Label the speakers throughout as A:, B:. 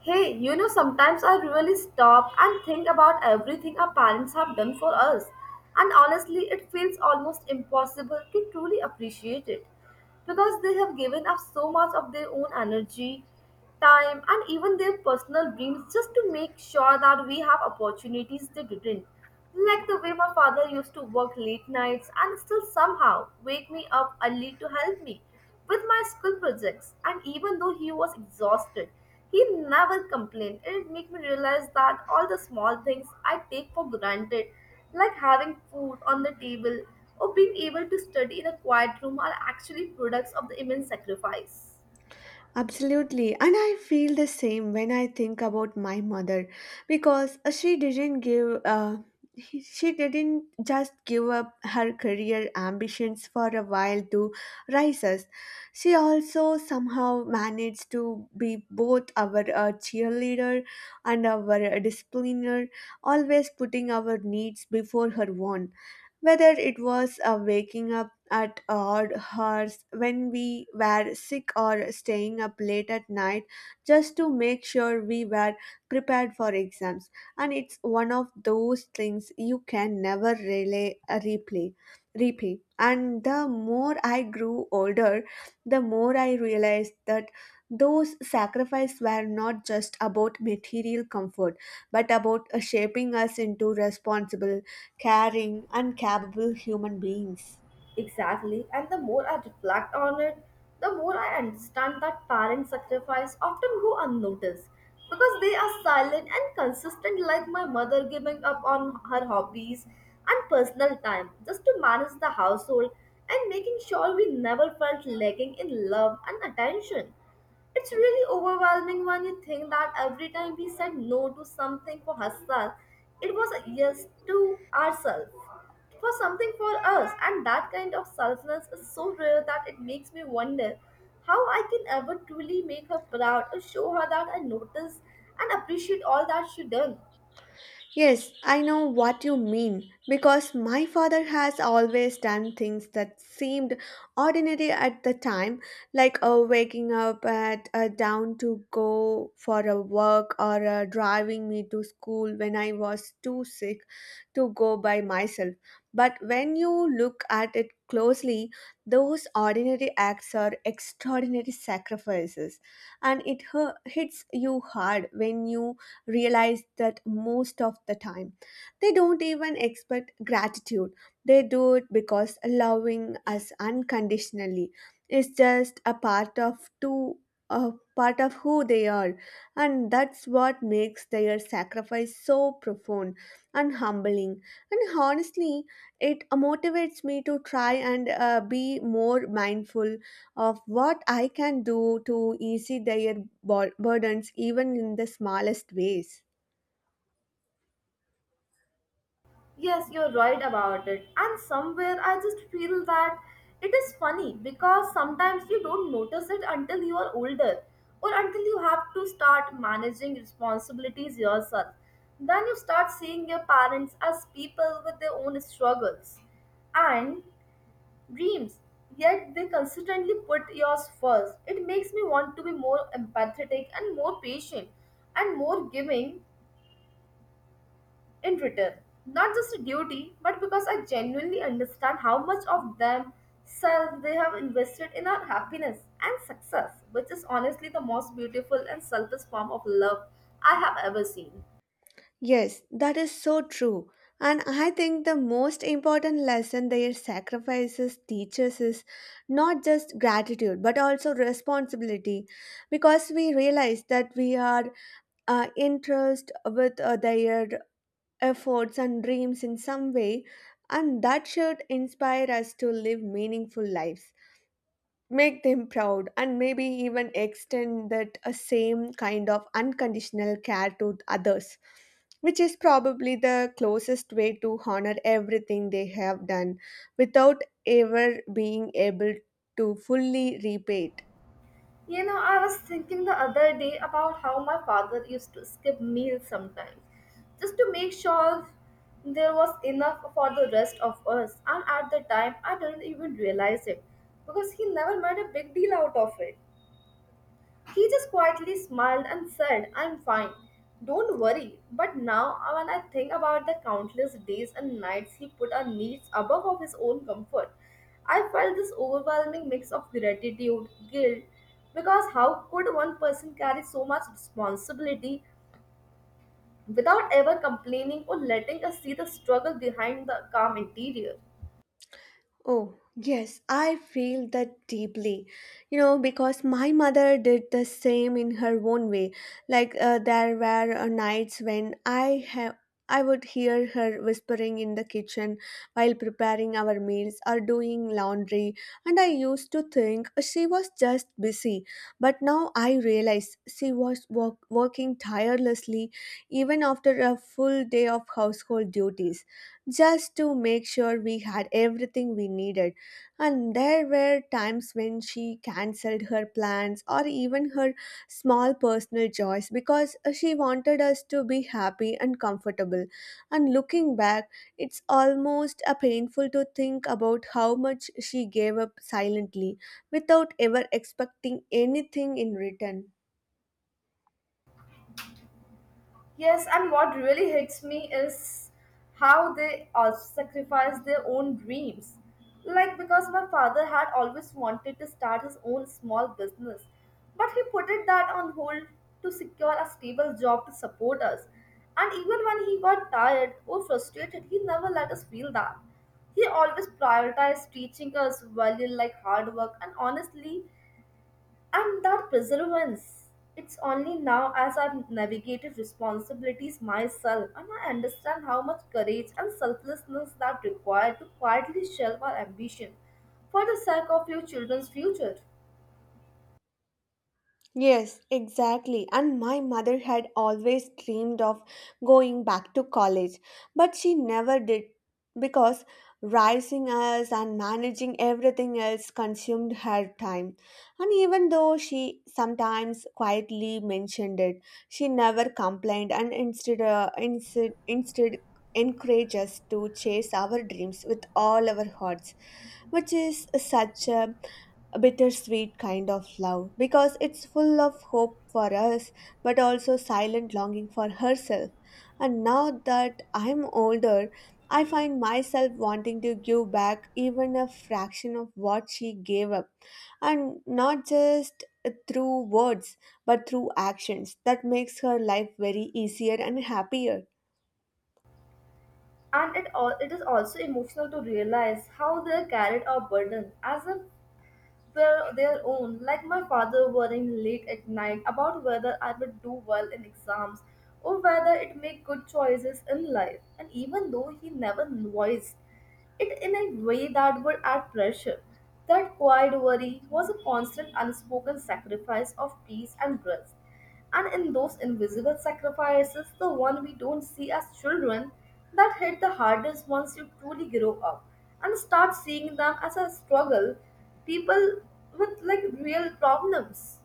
A: Hey, you know, sometimes I really stop and think about everything our parents have done for us. And honestly, it feels almost impossible to truly appreciate it because they have given up so much of their own energy, time, and even their personal dreams just to make sure that we have opportunities they didn't. Like the way my father used to work late nights and still somehow wake me up early to help me with my school projects. And even though he was exhausted, he never complained. It made me realize that all the small things I take for granted, like having food on the table or being able to study in a quiet room, are actually products of the immense sacrifice.
B: Absolutely. And I feel the same when I think about my mother because she didn't give she didn't just give up her career ambitions for a while to raise us. She also somehow managed to be both our cheerleader and our discipliner, always putting our needs before her own. Whether it was waking up at odd hours when we were sick or staying up late at night just to make sure we were prepared for exams. And it's one of those things you can never replay. Replay. And the more I grew older, the more I realized that those sacrifices were not just about material comfort but about shaping us into responsible, caring, and capable human beings.
A: Exactly, and the more I reflect on it, the more I understand that parent sacrifice often go unnoticed because they are silent and consistent, like my mother giving up on her hobbies and personal time just to manage the household and making sure we never felt lacking in love and attention. It's really overwhelming when you think that every time we said no to something for herself, it was a yes to ourselves, for something for us. And that kind of selflessness is so rare that it makes me wonder how I can ever truly make her proud or show her that I notice and appreciate all that she done.
B: Yes, I know what you mean because my father has always done things that seemed ordinary at the time, like waking up at dawn to go for a walk or driving me to school when I was too sick to go by myself. But when you look at it closely, those ordinary acts are extraordinary sacrifices, and it hits you hard when you realize that most of the time. They don't even expect gratitude, they do it because loving us unconditionally is just a part of two. A part of who they are, and that's what makes their sacrifice so profound and humbling. And honestly, it motivates me to try and be more mindful of what I can do to ease their burdens, even in the smallest ways.
A: Yes, you're right about it. And somewhere I just feel that it is funny because sometimes you don't notice it until you are older or until you have to start managing responsibilities yourself. Then you start seeing your parents as people with their own struggles and dreams, yet they consistently put yours first. It makes me want to be more empathetic and more patient and more giving in return. Not just a duty, but because I genuinely understand how much of themselves they have invested in our happiness and success, which is honestly the most beautiful and selfless form of love I have ever seen.
B: Yes, that is so true. And I think the most important lesson their sacrifices teaches is not just gratitude but also responsibility because we realize that we are interest with their efforts and dreams in some way and that should inspire us to live meaningful lives. Make them proud and maybe even extend that same kind of unconditional care to others which is probably the closest way to honor everything they have done without ever being able to fully repay it.
A: You know, I was thinking the other day about how my father used to skip meals sometimes just to make sure there was enough for the rest of us. And at the time, I didn't even realize it because he never made a big deal out of it. He just quietly smiled and said, I'm fine. Don't worry. But now, when I think about the countless days and nights he put our needs above of his own comfort, I felt this overwhelming mix of gratitude, guilt, because how could one person carry so much responsibility without ever complaining or letting us see the struggle behind the calm interior?
B: Oh, yes, I feel that deeply. You know, because my mother did the same in her own way. Like there were nights when I would hear her whispering in the kitchen while preparing our meals or doing laundry, and I used to think she was just busy. But now I realize she was working tirelessly even after a full day of household duties just to make sure we had everything we needed. And there were times when she cancelled her plans or even her small personal joys because she wanted us to be happy and comfortable. And looking back, it's almost a painful to think about how much she gave up silently without ever expecting anything in return.
A: Yes, and what really hits me is how they also sacrifice their own dreams. Like, because my father had always wanted to start his own small business, but he put it that on hold to secure a stable job to support us. And even when he got tired or frustrated, he never let us feel that. He always prioritized teaching us value like hard work, and honestly, and that perseverance, it's only now as I've navigated responsibilities myself and I understand how much courage and selflessness that required to quietly shelve our ambition for the sake of your children's future.
B: Yes, exactly. And my mother had always dreamed of going back to college, but she never did because raising us and managing everything else consumed her time. And even though she sometimes quietly mentioned it, she never complained and instead encouraged us to chase our dreams with all our hearts, which is such a bittersweet kind of love because it's full of hope for us but also silent longing for herself. And now that I'm older, I find myself wanting to give back even a fraction of what she gave up, and not just through words but through actions that makes her life very easier and happier.
A: And it, all, it is also emotional to realize how they carried our burden as if were their own, like my father worrying late at night about whether I would do well in exams or whether it make good choices in life. And even though he never voiced it in a way that would add pressure, that quiet worry was a constant unspoken sacrifice of peace and growth. And in those invisible sacrifices, the one we don't see as children, that hit the hardest once you truly grow up and start seeing them as a struggle, people with like real problems.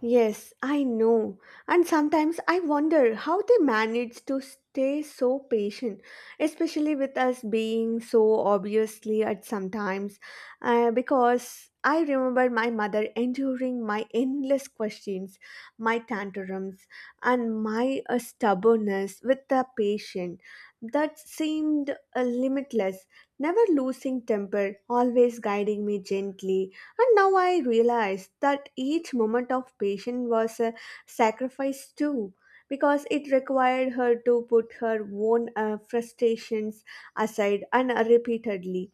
B: Yes, I know. And sometimes I wonder how they manage to stay so patient, especially with us being so obviously at sometimes. Because I remember my mother enduring my endless questions, my tantrums, and my stubbornness with the patient that seemed limitless, never losing temper, always guiding me gently and now I realize that each moment of patience was a sacrifice too, because it required her to put her own frustrations aside and repeatedly,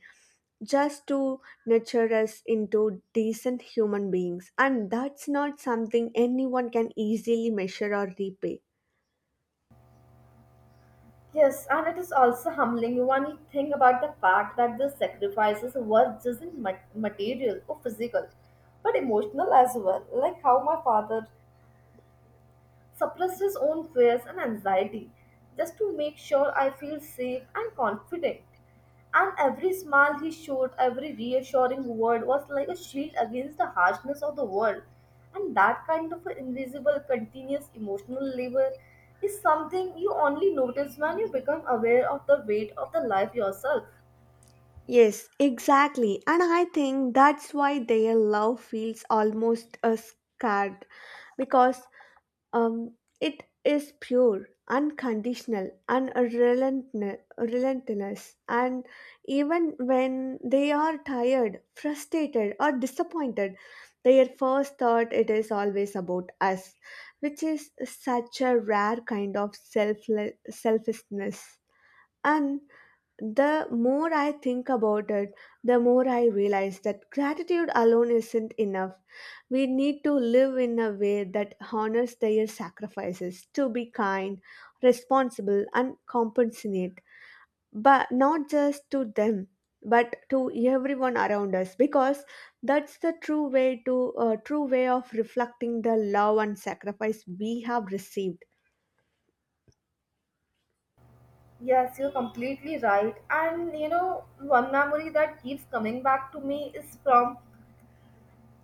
B: just to nurture us into decent human beings. And that's not something anyone can easily measure or repay.
A: Yes, and it is also humbling when you think about the fact that the sacrifices were just in material or physical, but emotional as well. Like how my father suppressed his own fears and anxiety just to make sure I feel safe and confident. And every smile he showed, every reassuring word was like a shield against the harshness of the world. And that kind of invisible, continuous emotional labor is something you only notice when you become aware of the weight of the life yourself.
B: Yes, exactly. And I think that's why their love feels almost scared because Um, it is pure, unconditional, and relentless. And even when they are tired, frustrated, or disappointed, their first thought it is always about us, which is such a rare kind of selfless selfishness. And the more I think about it, the more I realize that gratitude alone isn't enough. We need to live in a way that honors their sacrifices to be kind, responsible, and compassionate, but not just to them, but to everyone around us, because that's the true way to true way of reflecting the love and sacrifice we have received.
A: Yes, you're completely right. And you know, one memory that keeps coming back to me is from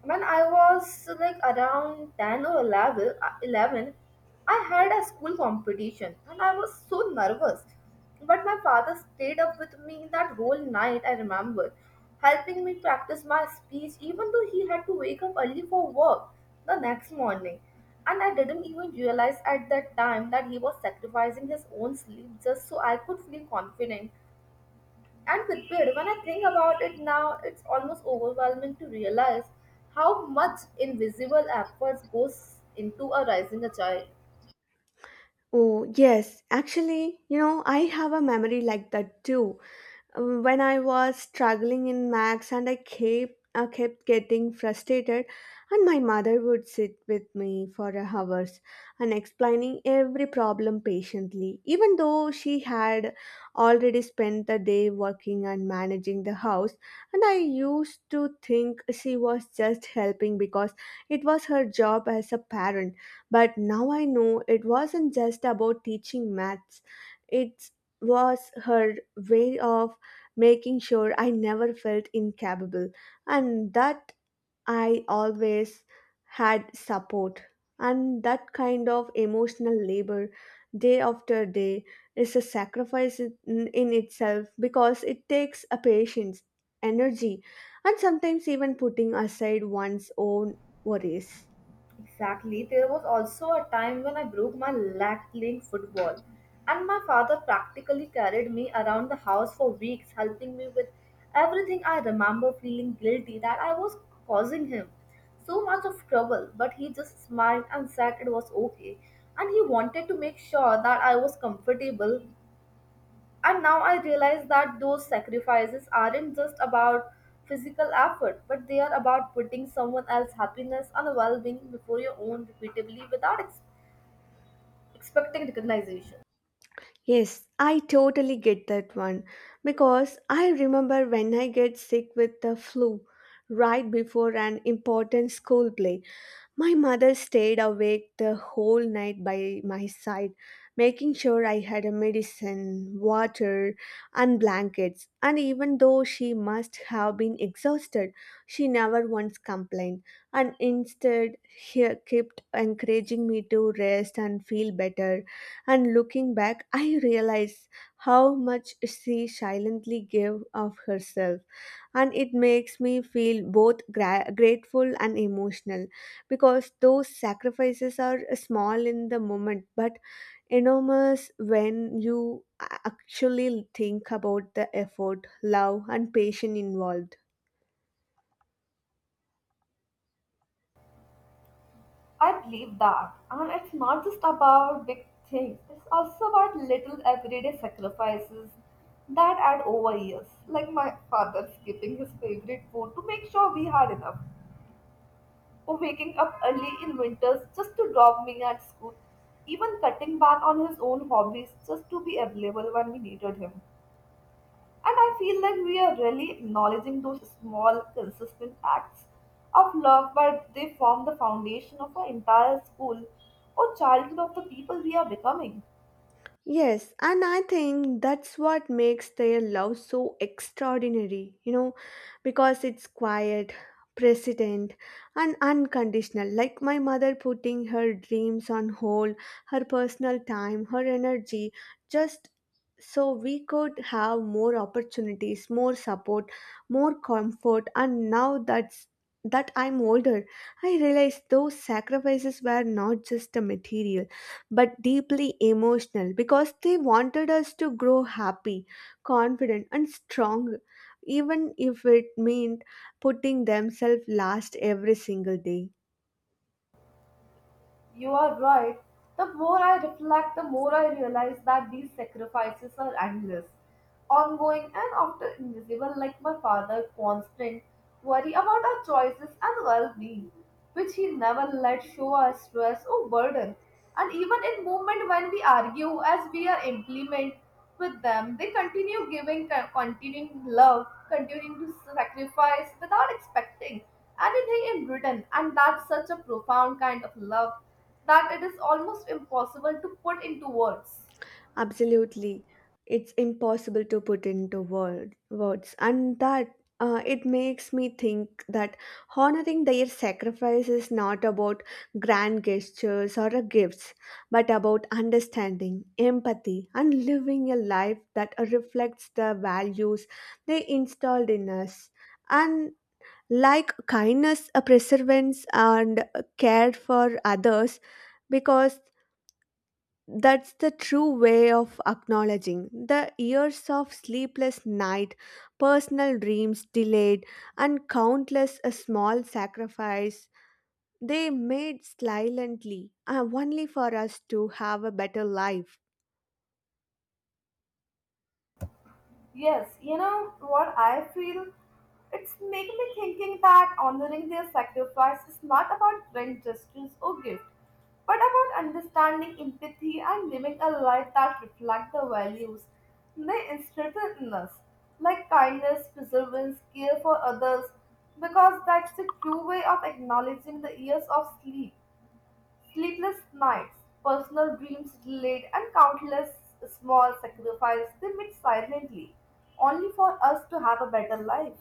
A: when I was like around 10 or 11, I had a school competition and I was so nervous. But my father stayed up with me that whole night, I remember, helping me practice my speech, even though he had to wake up early for work the next morning. And I didn't even realize at that time that he was sacrificing his own sleep just so I could feel confident and Pitbit, when I think about it now, it's almost overwhelming to realize how much invisible efforts goes into a raising a child.
B: Oh, yes. Actually, you know, I have a memory like that too. When I was struggling in maths and I kept getting frustrated and my mother would sit with me for hours and explaining every problem patiently even though she had already spent the day working and managing the house and I used to think she was just helping because it was her job as a parent but now I know it wasn't just about teaching maths it was her way of making sure I never felt incapable and that I always had support. And that kind of emotional labor, day after day, is a sacrifice in itself because it takes a patience, energy, and sometimes even putting aside one's own worries.
A: Exactly. There was also a time when I broke my leg playing football, and my father practically carried me around the house for weeks, helping me with everything. I remember feeling guilty that I was causing him so much of trouble, but he just smiled and said it was okay. And he wanted to make sure that I was comfortable. And now I realize that those sacrifices aren't just about physical effort, but they are about putting someone else's happiness and well being before your own repeatedly without expecting recognition.
B: Yes, I totally get that one because I remember when I get sick with the flu right before an important school play my mother stayed awake the whole night by my side, making sure I had a medicine, water, and blankets. And even though she must have been exhausted, she never once complained, and instead he kept encouraging me to rest and feel better. And looking back, I realize how much she silently gave of herself, and it makes me feel both grateful and emotional because those sacrifices are small in the moment but enormous when you actually think about the effort, love, and patience involved.
A: I believe that. And it's not just about big things, it's also about little everyday sacrifices that add over years, like my father skipping his favorite food to make sure we had enough, waking up early in winters just to drop me at school, even cutting back on his own hobbies just to be available when we needed him. And I feel like we are really acknowledging those small, consistent acts of love, but they form the foundation of our entire school or childhood of the people we are becoming.
B: Yes, and I think that's what makes their love so extraordinary, you know, because it's quiet, precedent, and unconditional. Like my mother putting her dreams on hold, her personal time, her energy, just so we could have more opportunities, more support, more comfort. And now that's that I'm older, I realize those sacrifices were not just a material but deeply emotional because they wanted us to grow happy, confident, and strong, even if it meant putting themselves last every single day.
A: You are right. The more I reflect, the more I realize that these sacrifices are endless, ongoing, and often invisible, like my father, constant worry about our choices and well being, which he never let show us stress or burden. And even in moment when we argue as we are implement with them, they continue giving, continuing love, continuing to sacrifice without expecting anything in return. And that's such a profound kind of love that it is almost impossible to put into words.
B: Absolutely. It's impossible to put into words. And that it makes me think that honoring their sacrifice is not about grand gestures or gifts, but about understanding, empathy, and living a life that reflects the values they installed in us. And like kindness, perseverance, and care for others, because that's the true way of acknowledging the years of sleepless night, personal dreams delayed, and countless a small sacrifice they made silently, only for us to have a better life.
A: Yes, you know what I feel? It's making me thinking that honoring their sacrifice is not about grand gestures or gifts, but about understanding empathy and living a life that reflects the values they instilled in us, like kindness, perseverance, care for others, because that's the true way of acknowledging the years of sleepless nights, personal dreams delayed, and countless small sacrifices they made silently, only for us to have a better life.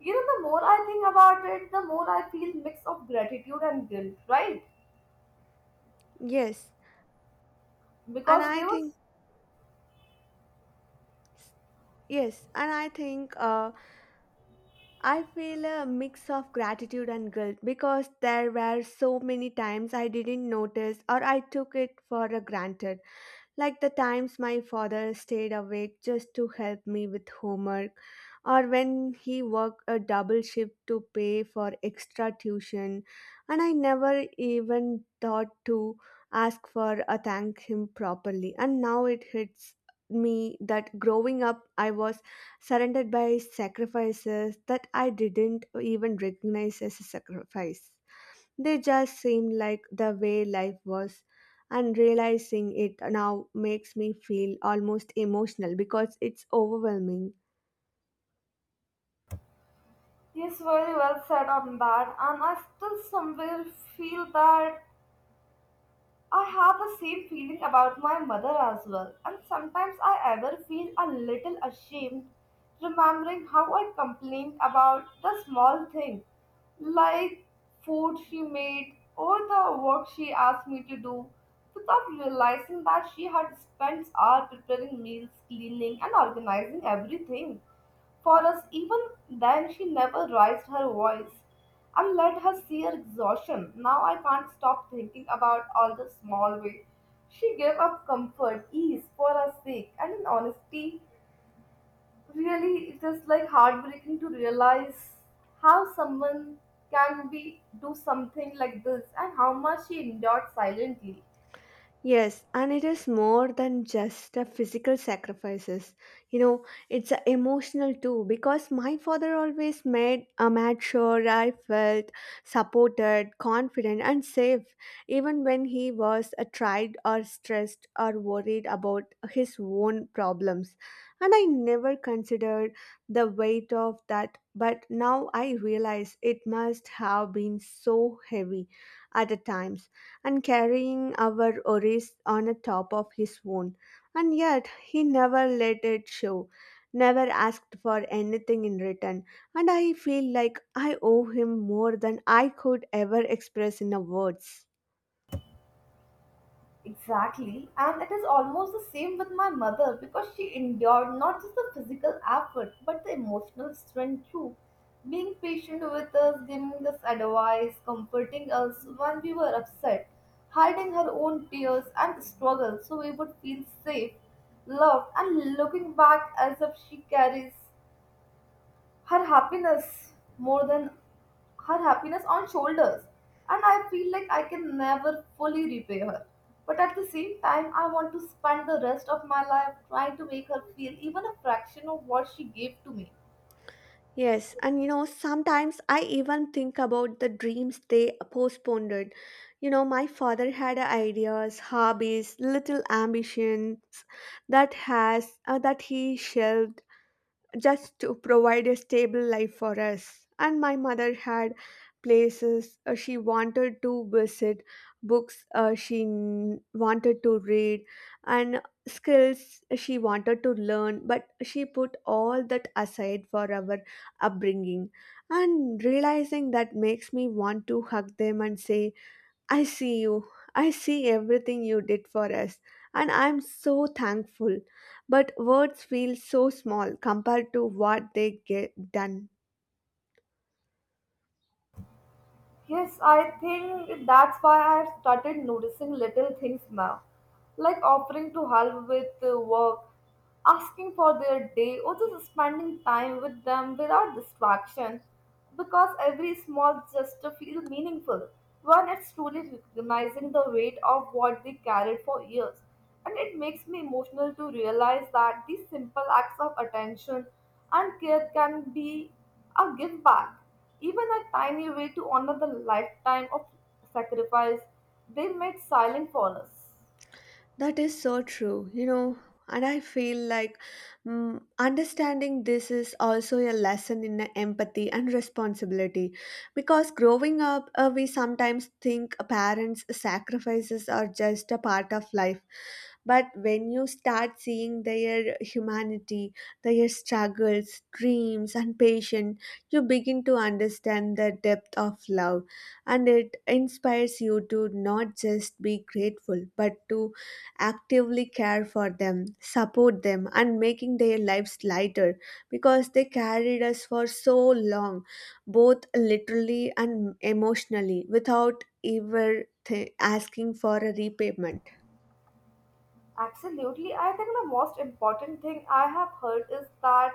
A: You know, the more I think about it, the more I feel mix of gratitude and guilt, right?
B: Yes, and
A: Because
B: I
A: there
B: think
A: was.
B: yes, and I think I feel a mix of gratitude and guilt because there were so many times I didn't notice or I took it for granted. Like the times my father stayed awake just to help me with homework, or when he worked a double shift to pay for extra tuition, and I never even thought to ask for or thank him properly. And now it hits me that growing up I was surrounded by sacrifices that I didn't even recognize as a sacrifice. They just seem like the way life was, and realizing it now makes me feel almost emotional because it's overwhelming.
A: Yes, very well said on that, and I still somewhere feel that I have the same feeling about my mother as well, and sometimes I ever feel a little ashamed remembering how I complained about the small things like food she made or the work she asked me to do without realizing that she had spent hours preparing meals, cleaning, and organizing everything. For us, even then, she never raised her voice. I let her see her exhaustion. Now I can't stop thinking about all the small way she gave up comfort, ease for our sake, and in honesty, really, it is like heartbreaking to realize how someone can be do something like this and how much she endured silently.
B: Yes, and it is more than just a physical sacrifices. You know, it's a emotional too because my father always made sure I felt supported, confident, and safe, even when he was tried or stressed or worried about his own problems. And I never considered the weight of that, but now I realize it must have been so heavy at the times and carrying our worries on a top of his own. And yet he never let it show, never asked for anything in return. And I feel like I owe him more than I could ever express in a words.
A: Exactly, and it is almost the same with my mother because she endured not just the physical effort but the emotional strength too. Being patient with us, giving us advice, comforting us when we were upset, hiding her own tears and struggles so we would feel safe, loved, and looking back as if she carries her happiness more than her happiness on shoulders. And I feel like I can never fully repay her, but at the same time I want to spend the rest of my life trying to make her feel even a fraction of what she gave to me.
B: Yes, and you know, sometimes I even think about the dreams they postponed. It. You know, my father had ideas, hobbies, little ambitions that he shelved just to provide a stable life for us. And my mother had places she wanted to visit, books wanted to read, and skills she wanted to learn. But she put all that aside for our upbringing. And realizing that makes me want to hug them and say, I see you. I see everything you did for us, and I'm so thankful. But words feel so small compared to what they get done.
A: Yes, I think that's why I've started noticing little things now, like offering to help with work, asking for their day, or just spending time with them without distraction, because every small gesture feels meaningful when it's truly recognizing the weight of what they carried for years. And it makes me emotional to realize that these simple acts of attention and care can be a give back, even a tiny way to honor the lifetime of sacrifice they made silent for us.
B: That is so true, you know. And I feel like understanding this is also a lesson in empathy and responsibility. Because growing up, we sometimes think parents' sacrifices are just a part of life, but when you start seeing their humanity, their struggles, dreams, and patience, you begin to understand the depth of love. And it inspires you to not just be grateful, but to actively care for them, support them, and making their lives lighter because they carried us for so long, both literally and emotionally, without ever asking for a repayment.
A: Absolutely. I think the most important thing I have heard is that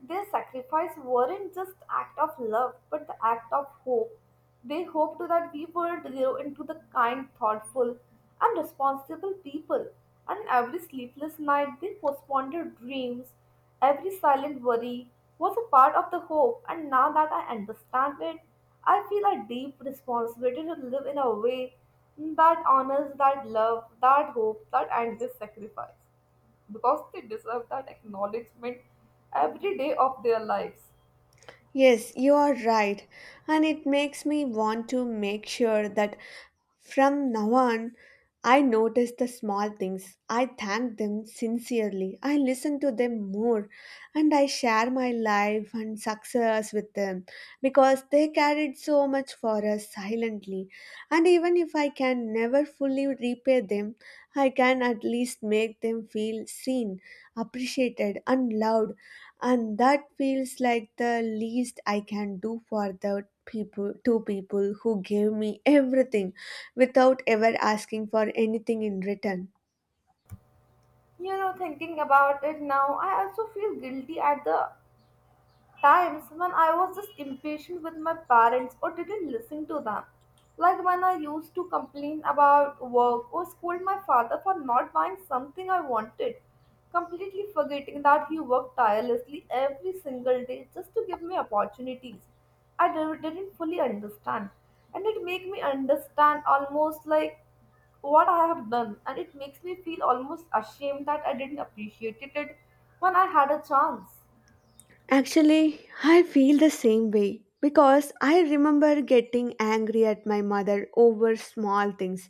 A: their sacrifice weren't just act of love, but the act of hope. They hoped that we would grow into the kind, thoughtful, and responsible people. And every sleepless night, they postponed their dreams. Every silent worry was a part of the hope. And now that I understand it, I feel a deep responsibility to live in a way that honors that love, that hope, that endless sacrifice, because they deserve that acknowledgement every day of their lives.
B: Yes, you are right. And it makes me want to make sure that from now on, I notice the small things. I thank them sincerely. I listen to them more and I share my life and success with them because they carried so much for us silently. And even if I can never fully repay them, I can at least make them feel seen, appreciated, and loved and that feels like the least I can do for the people two people who gave me everything without ever asking for anything in return.
A: You know, thinking about it now, I also feel guilty at the times when I was just impatient with my parents or didn't listen to them. Like when I used to complain about work or scold my father for not buying something I wanted, completely forgetting that he worked tirelessly every single day just to give me opportunities didn't fully understand. And it made me understand almost like what I have done, and it makes me feel almost ashamed that I didn't appreciate it when I had a chance.
B: Actually, I feel the same way because I remember getting angry at my mother over small things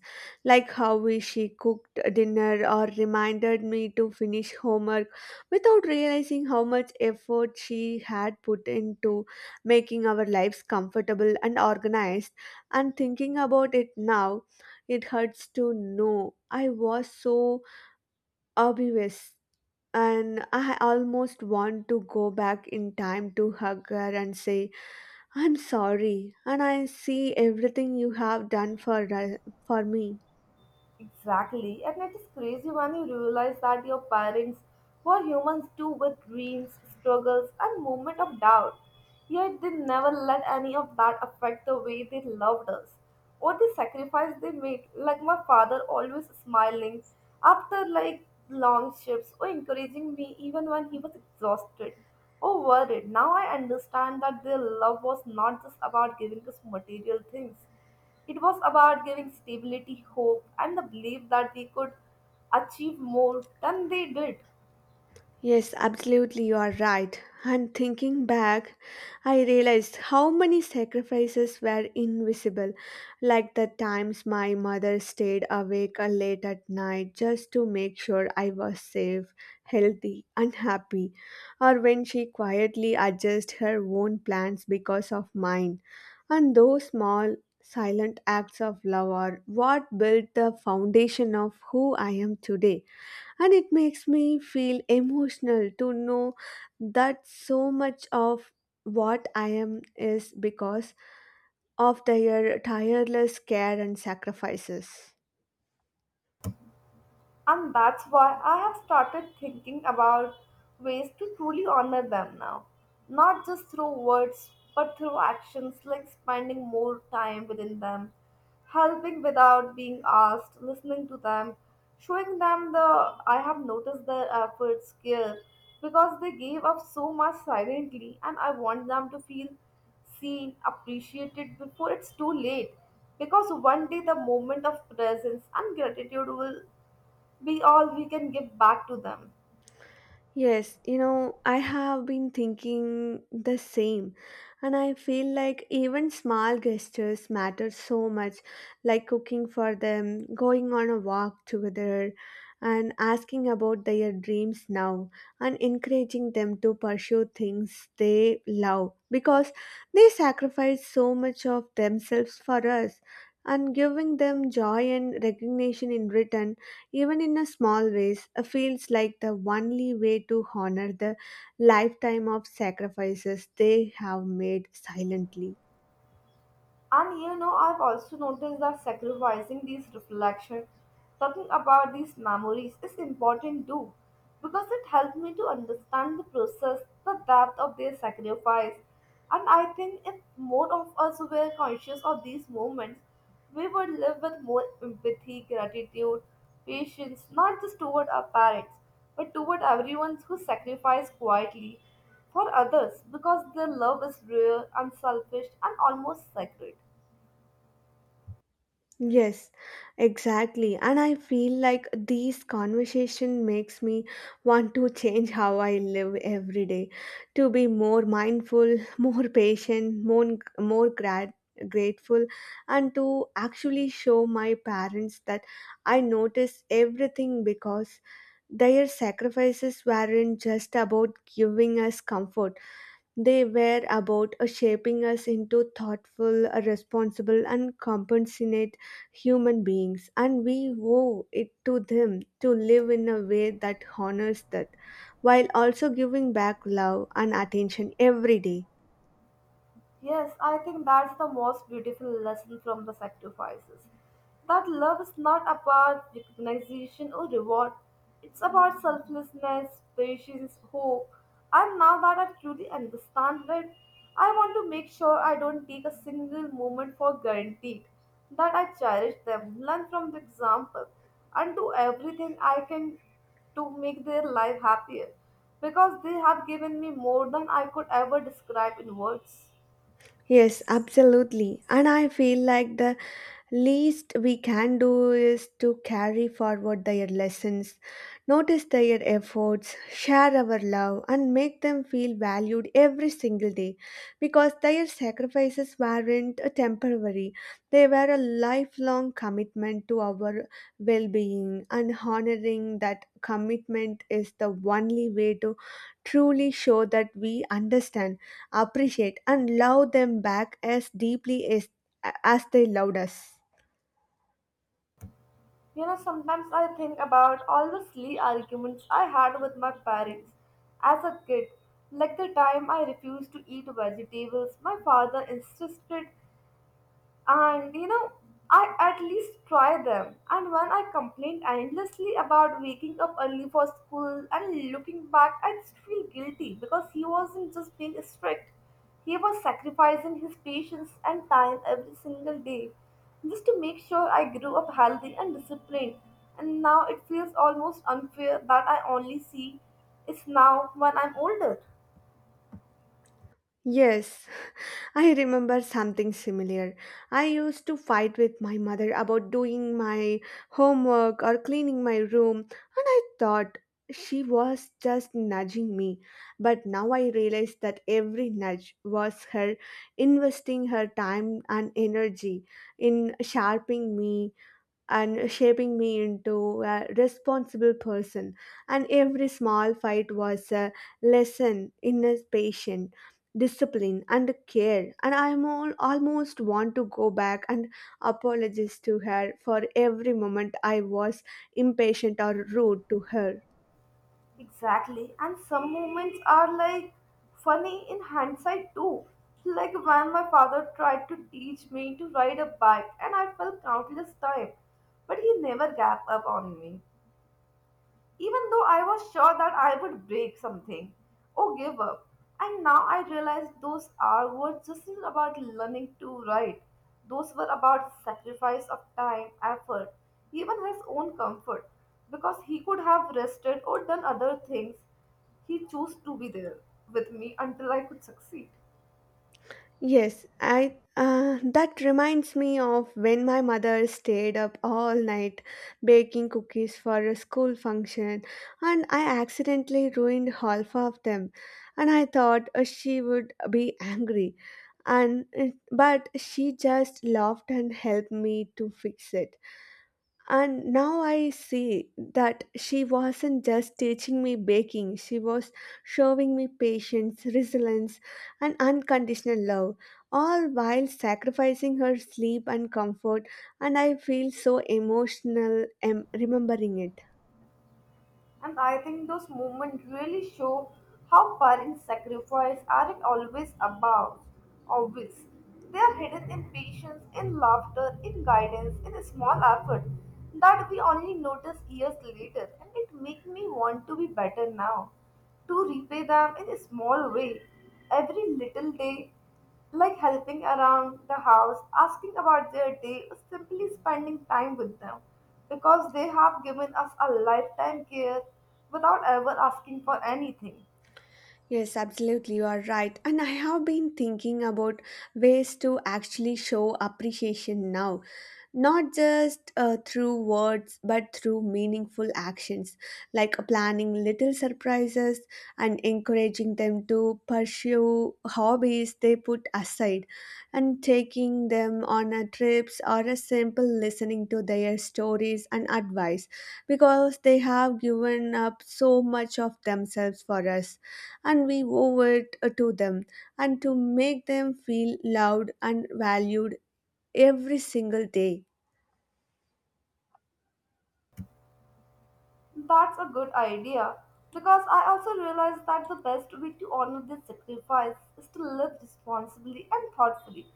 B: like how she cooked dinner or reminded me to finish homework without realizing how much effort she had put into making our lives comfortable and organized. And thinking about it now, it hurts to know I was so oblivious and I almost want to go back in time to hug her and say, I'm sorry, and I see everything you have done for me.
A: Exactly, and it is crazy when you realize that your parents were humans too with dreams, struggles, and moment of doubt. Yet they never let any of that affect the way they loved us or the sacrifice they made, like my father always smiling after like long shifts or encouraging me even when he was exhausted or worried. Now I understand that their love was not just about giving us material things. It was about giving stability, hope, and the belief that they could achieve more than they did.
B: Yes, absolutely, you are right. And thinking back, I realized how many sacrifices were invisible, like the times my mother stayed awake late at night just to make sure I was safe, healthy, and happy, or when she quietly adjusted her own plans because of mine. And those small, silent acts of love are what built the foundation of who I am today and it makes me feel emotional to know that so much of what I am is because of their tireless care and sacrifices.
A: And that's why I have started thinking about ways to truly honor them now. Not just through words, but through actions like spending more time within them, helping without being asked, listening to them, showing them the I have noticed their efforts care because they gave up so much silently and I want them to feel seen, appreciated before it's too late. Because one day the moment of presence and gratitude will be all we can give back to them.
B: Yes, you know, I have been thinking the same, and I feel like even small gestures matter so much, like cooking for them, going on a walk together, and asking about their dreams now, and encouraging them to pursue things they love because they sacrifice so much of themselves for us, and giving them joy and recognition in return even in a small ways, feels like the only way to honor the lifetime of sacrifices they have made silently.
A: And you know, I've also noticed that sacrificing these reflections, talking about these memories is important too, because it helped me to understand the process, the depth of their sacrifice. And I think if more of us were conscious of these moments, we would live with more empathy, gratitude, patience, not just toward our parents, but toward everyone who sacrificed quietly for others because their love is rare, unselfish, and almost sacred.
B: Yes, exactly. And I feel like these conversation makes me want to change how I live every day to be more mindful, more patient, grateful and to actually show my parents that I notice everything because their sacrifices weren't just about giving us comfort they were about shaping us into thoughtful, responsible, and compassionate human beings, and we owe it to them to live in a way that honors that, while also giving back love and attention every day.
A: Yes, I think that's the most beautiful lesson from the sacrifices. That love is not about recognition or reward, it's about selflessness, patience, hope. And now that I truly understand it, I want to make sure I don't take a single moment for granted, that I cherish them, learn from the example, and do everything I can to make their life happier because they have given me more than I could ever describe in words.
B: Yes, absolutely. And I feel like the least we can do is to carry forward their lessons, notice their efforts, share our love, and make them feel valued every single day because their sacrifices weren't a temporary, they were a lifelong commitment to our well being, and honoring that commitment is the only way to truly show that we understand appreciate, and love them back as deeply as they loved us.
A: You know, sometimes I think about all the silly arguments I had with my parents as a kid, like the time I refused to eat vegetables my father insisted and you know I at least try them and when I complain endlessly about waking up early for school and looking back I just feel guilty because he wasn't just being strict, he was sacrificing his patience and time every single day just to make sure I grew up healthy and disciplined, and now it feels almost unfair that I only see it's now when I'm older.
B: Yes, I remember something similar. I used to fight with my mother about doing my homework or cleaning my room, and I thought she was just nudging me. But now I realize that every nudge was her investing her time and energy in sharpening me and shaping me into a responsible person. And every small fight was a lesson in a patience, discipline, and care. And I almost want to go back and apologize to her for every moment I was impatient or rude to her.
A: Exactly. And some moments are like funny in hindsight too. Like when my father tried to teach me to ride a bike and I fell countless times, but he never gave up on me even though I was sure that I would break something or give up. And now I realize those hours were just not about learning to write. Those were about sacrifice of time, effort, even his own comfort, because he could have rested or done other things. He chose to be there with me until I could succeed.
B: Yes, I that reminds me of when my mother stayed up all night baking cookies for a school function, and I accidentally ruined half of them, and I thought she would be angry, and but she just laughed and helped me to fix it. And now I see that she wasn't just teaching me baking, she was showing me patience, resilience, and unconditional love, all while sacrificing her sleep and comfort. And I feel so emotional remembering it.
A: And I think those moments really show how parents' sacrifice aren't always about obvious. They are hidden in patience, in laughter, in guidance, in a small effort that we only notice years later. And it makes me want to be better now, to repay them in a small way every little day like helping around the house, asking about their day, simply spending time with them because they have given us a lifetime care without ever asking for anything.
B: Yes, absolutely, you are right. And I have been thinking about ways to actually show appreciation now not just through words but through meaningful actions like planning little surprises and encouraging them to pursue hobbies they put aside and taking them on a trips or a simple listening to their stories and advice because they have given up so much of themselves for us and we owe it to them and to make them feel loved and valued every single day.
A: That's a good idea because I also realized that the best way to honor this sacrifice is to live responsibly and thoughtfully,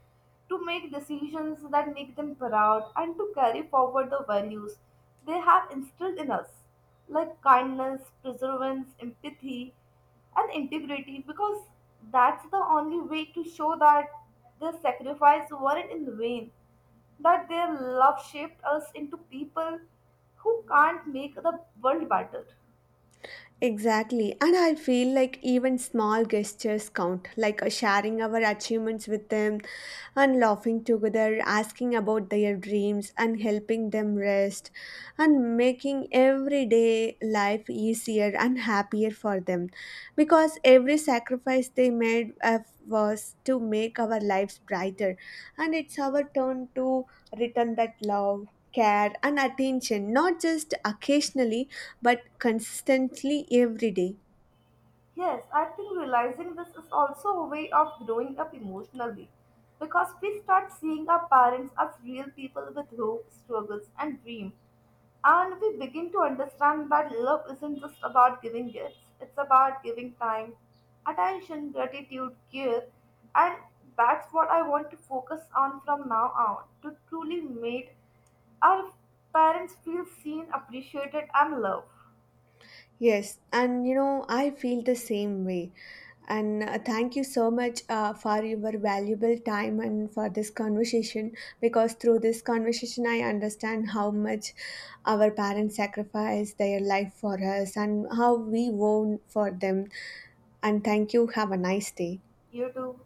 A: to make decisions that make them proud, and to carry forward the values they have instilled in us, like kindness, perseverance, empathy, and integrity, because that's the only way to show that their sacrifice weren't in vain, that their love shaped us into people who can't make the world better.
B: Exactly. And I feel like even small gestures count, like sharing our achievements with them and laughing together, asking about their dreams and helping them rest and making everyday life easier and happier for them. Because every sacrifice they made was to make our lives brighter. And it's our turn to return that love. Care and attention, not just occasionally but consistently every day.
A: Yes, I think realizing this is also a way of growing up emotionally because we start seeing our parents as real people with hope, struggles, and dreams. And we begin to understand that love isn't just about giving gifts, it's about giving time, attention, gratitude, care. And that's what I want to focus on from now on, to truly make our parents feel seen, appreciated, and loved.
B: Yes, and you know, I feel the same way. And thank you so much for your valuable time and for this conversation because through this conversation, I understand how much our parents sacrifice their life for us and how we own for them. And thank you. Have a nice day.
A: You too.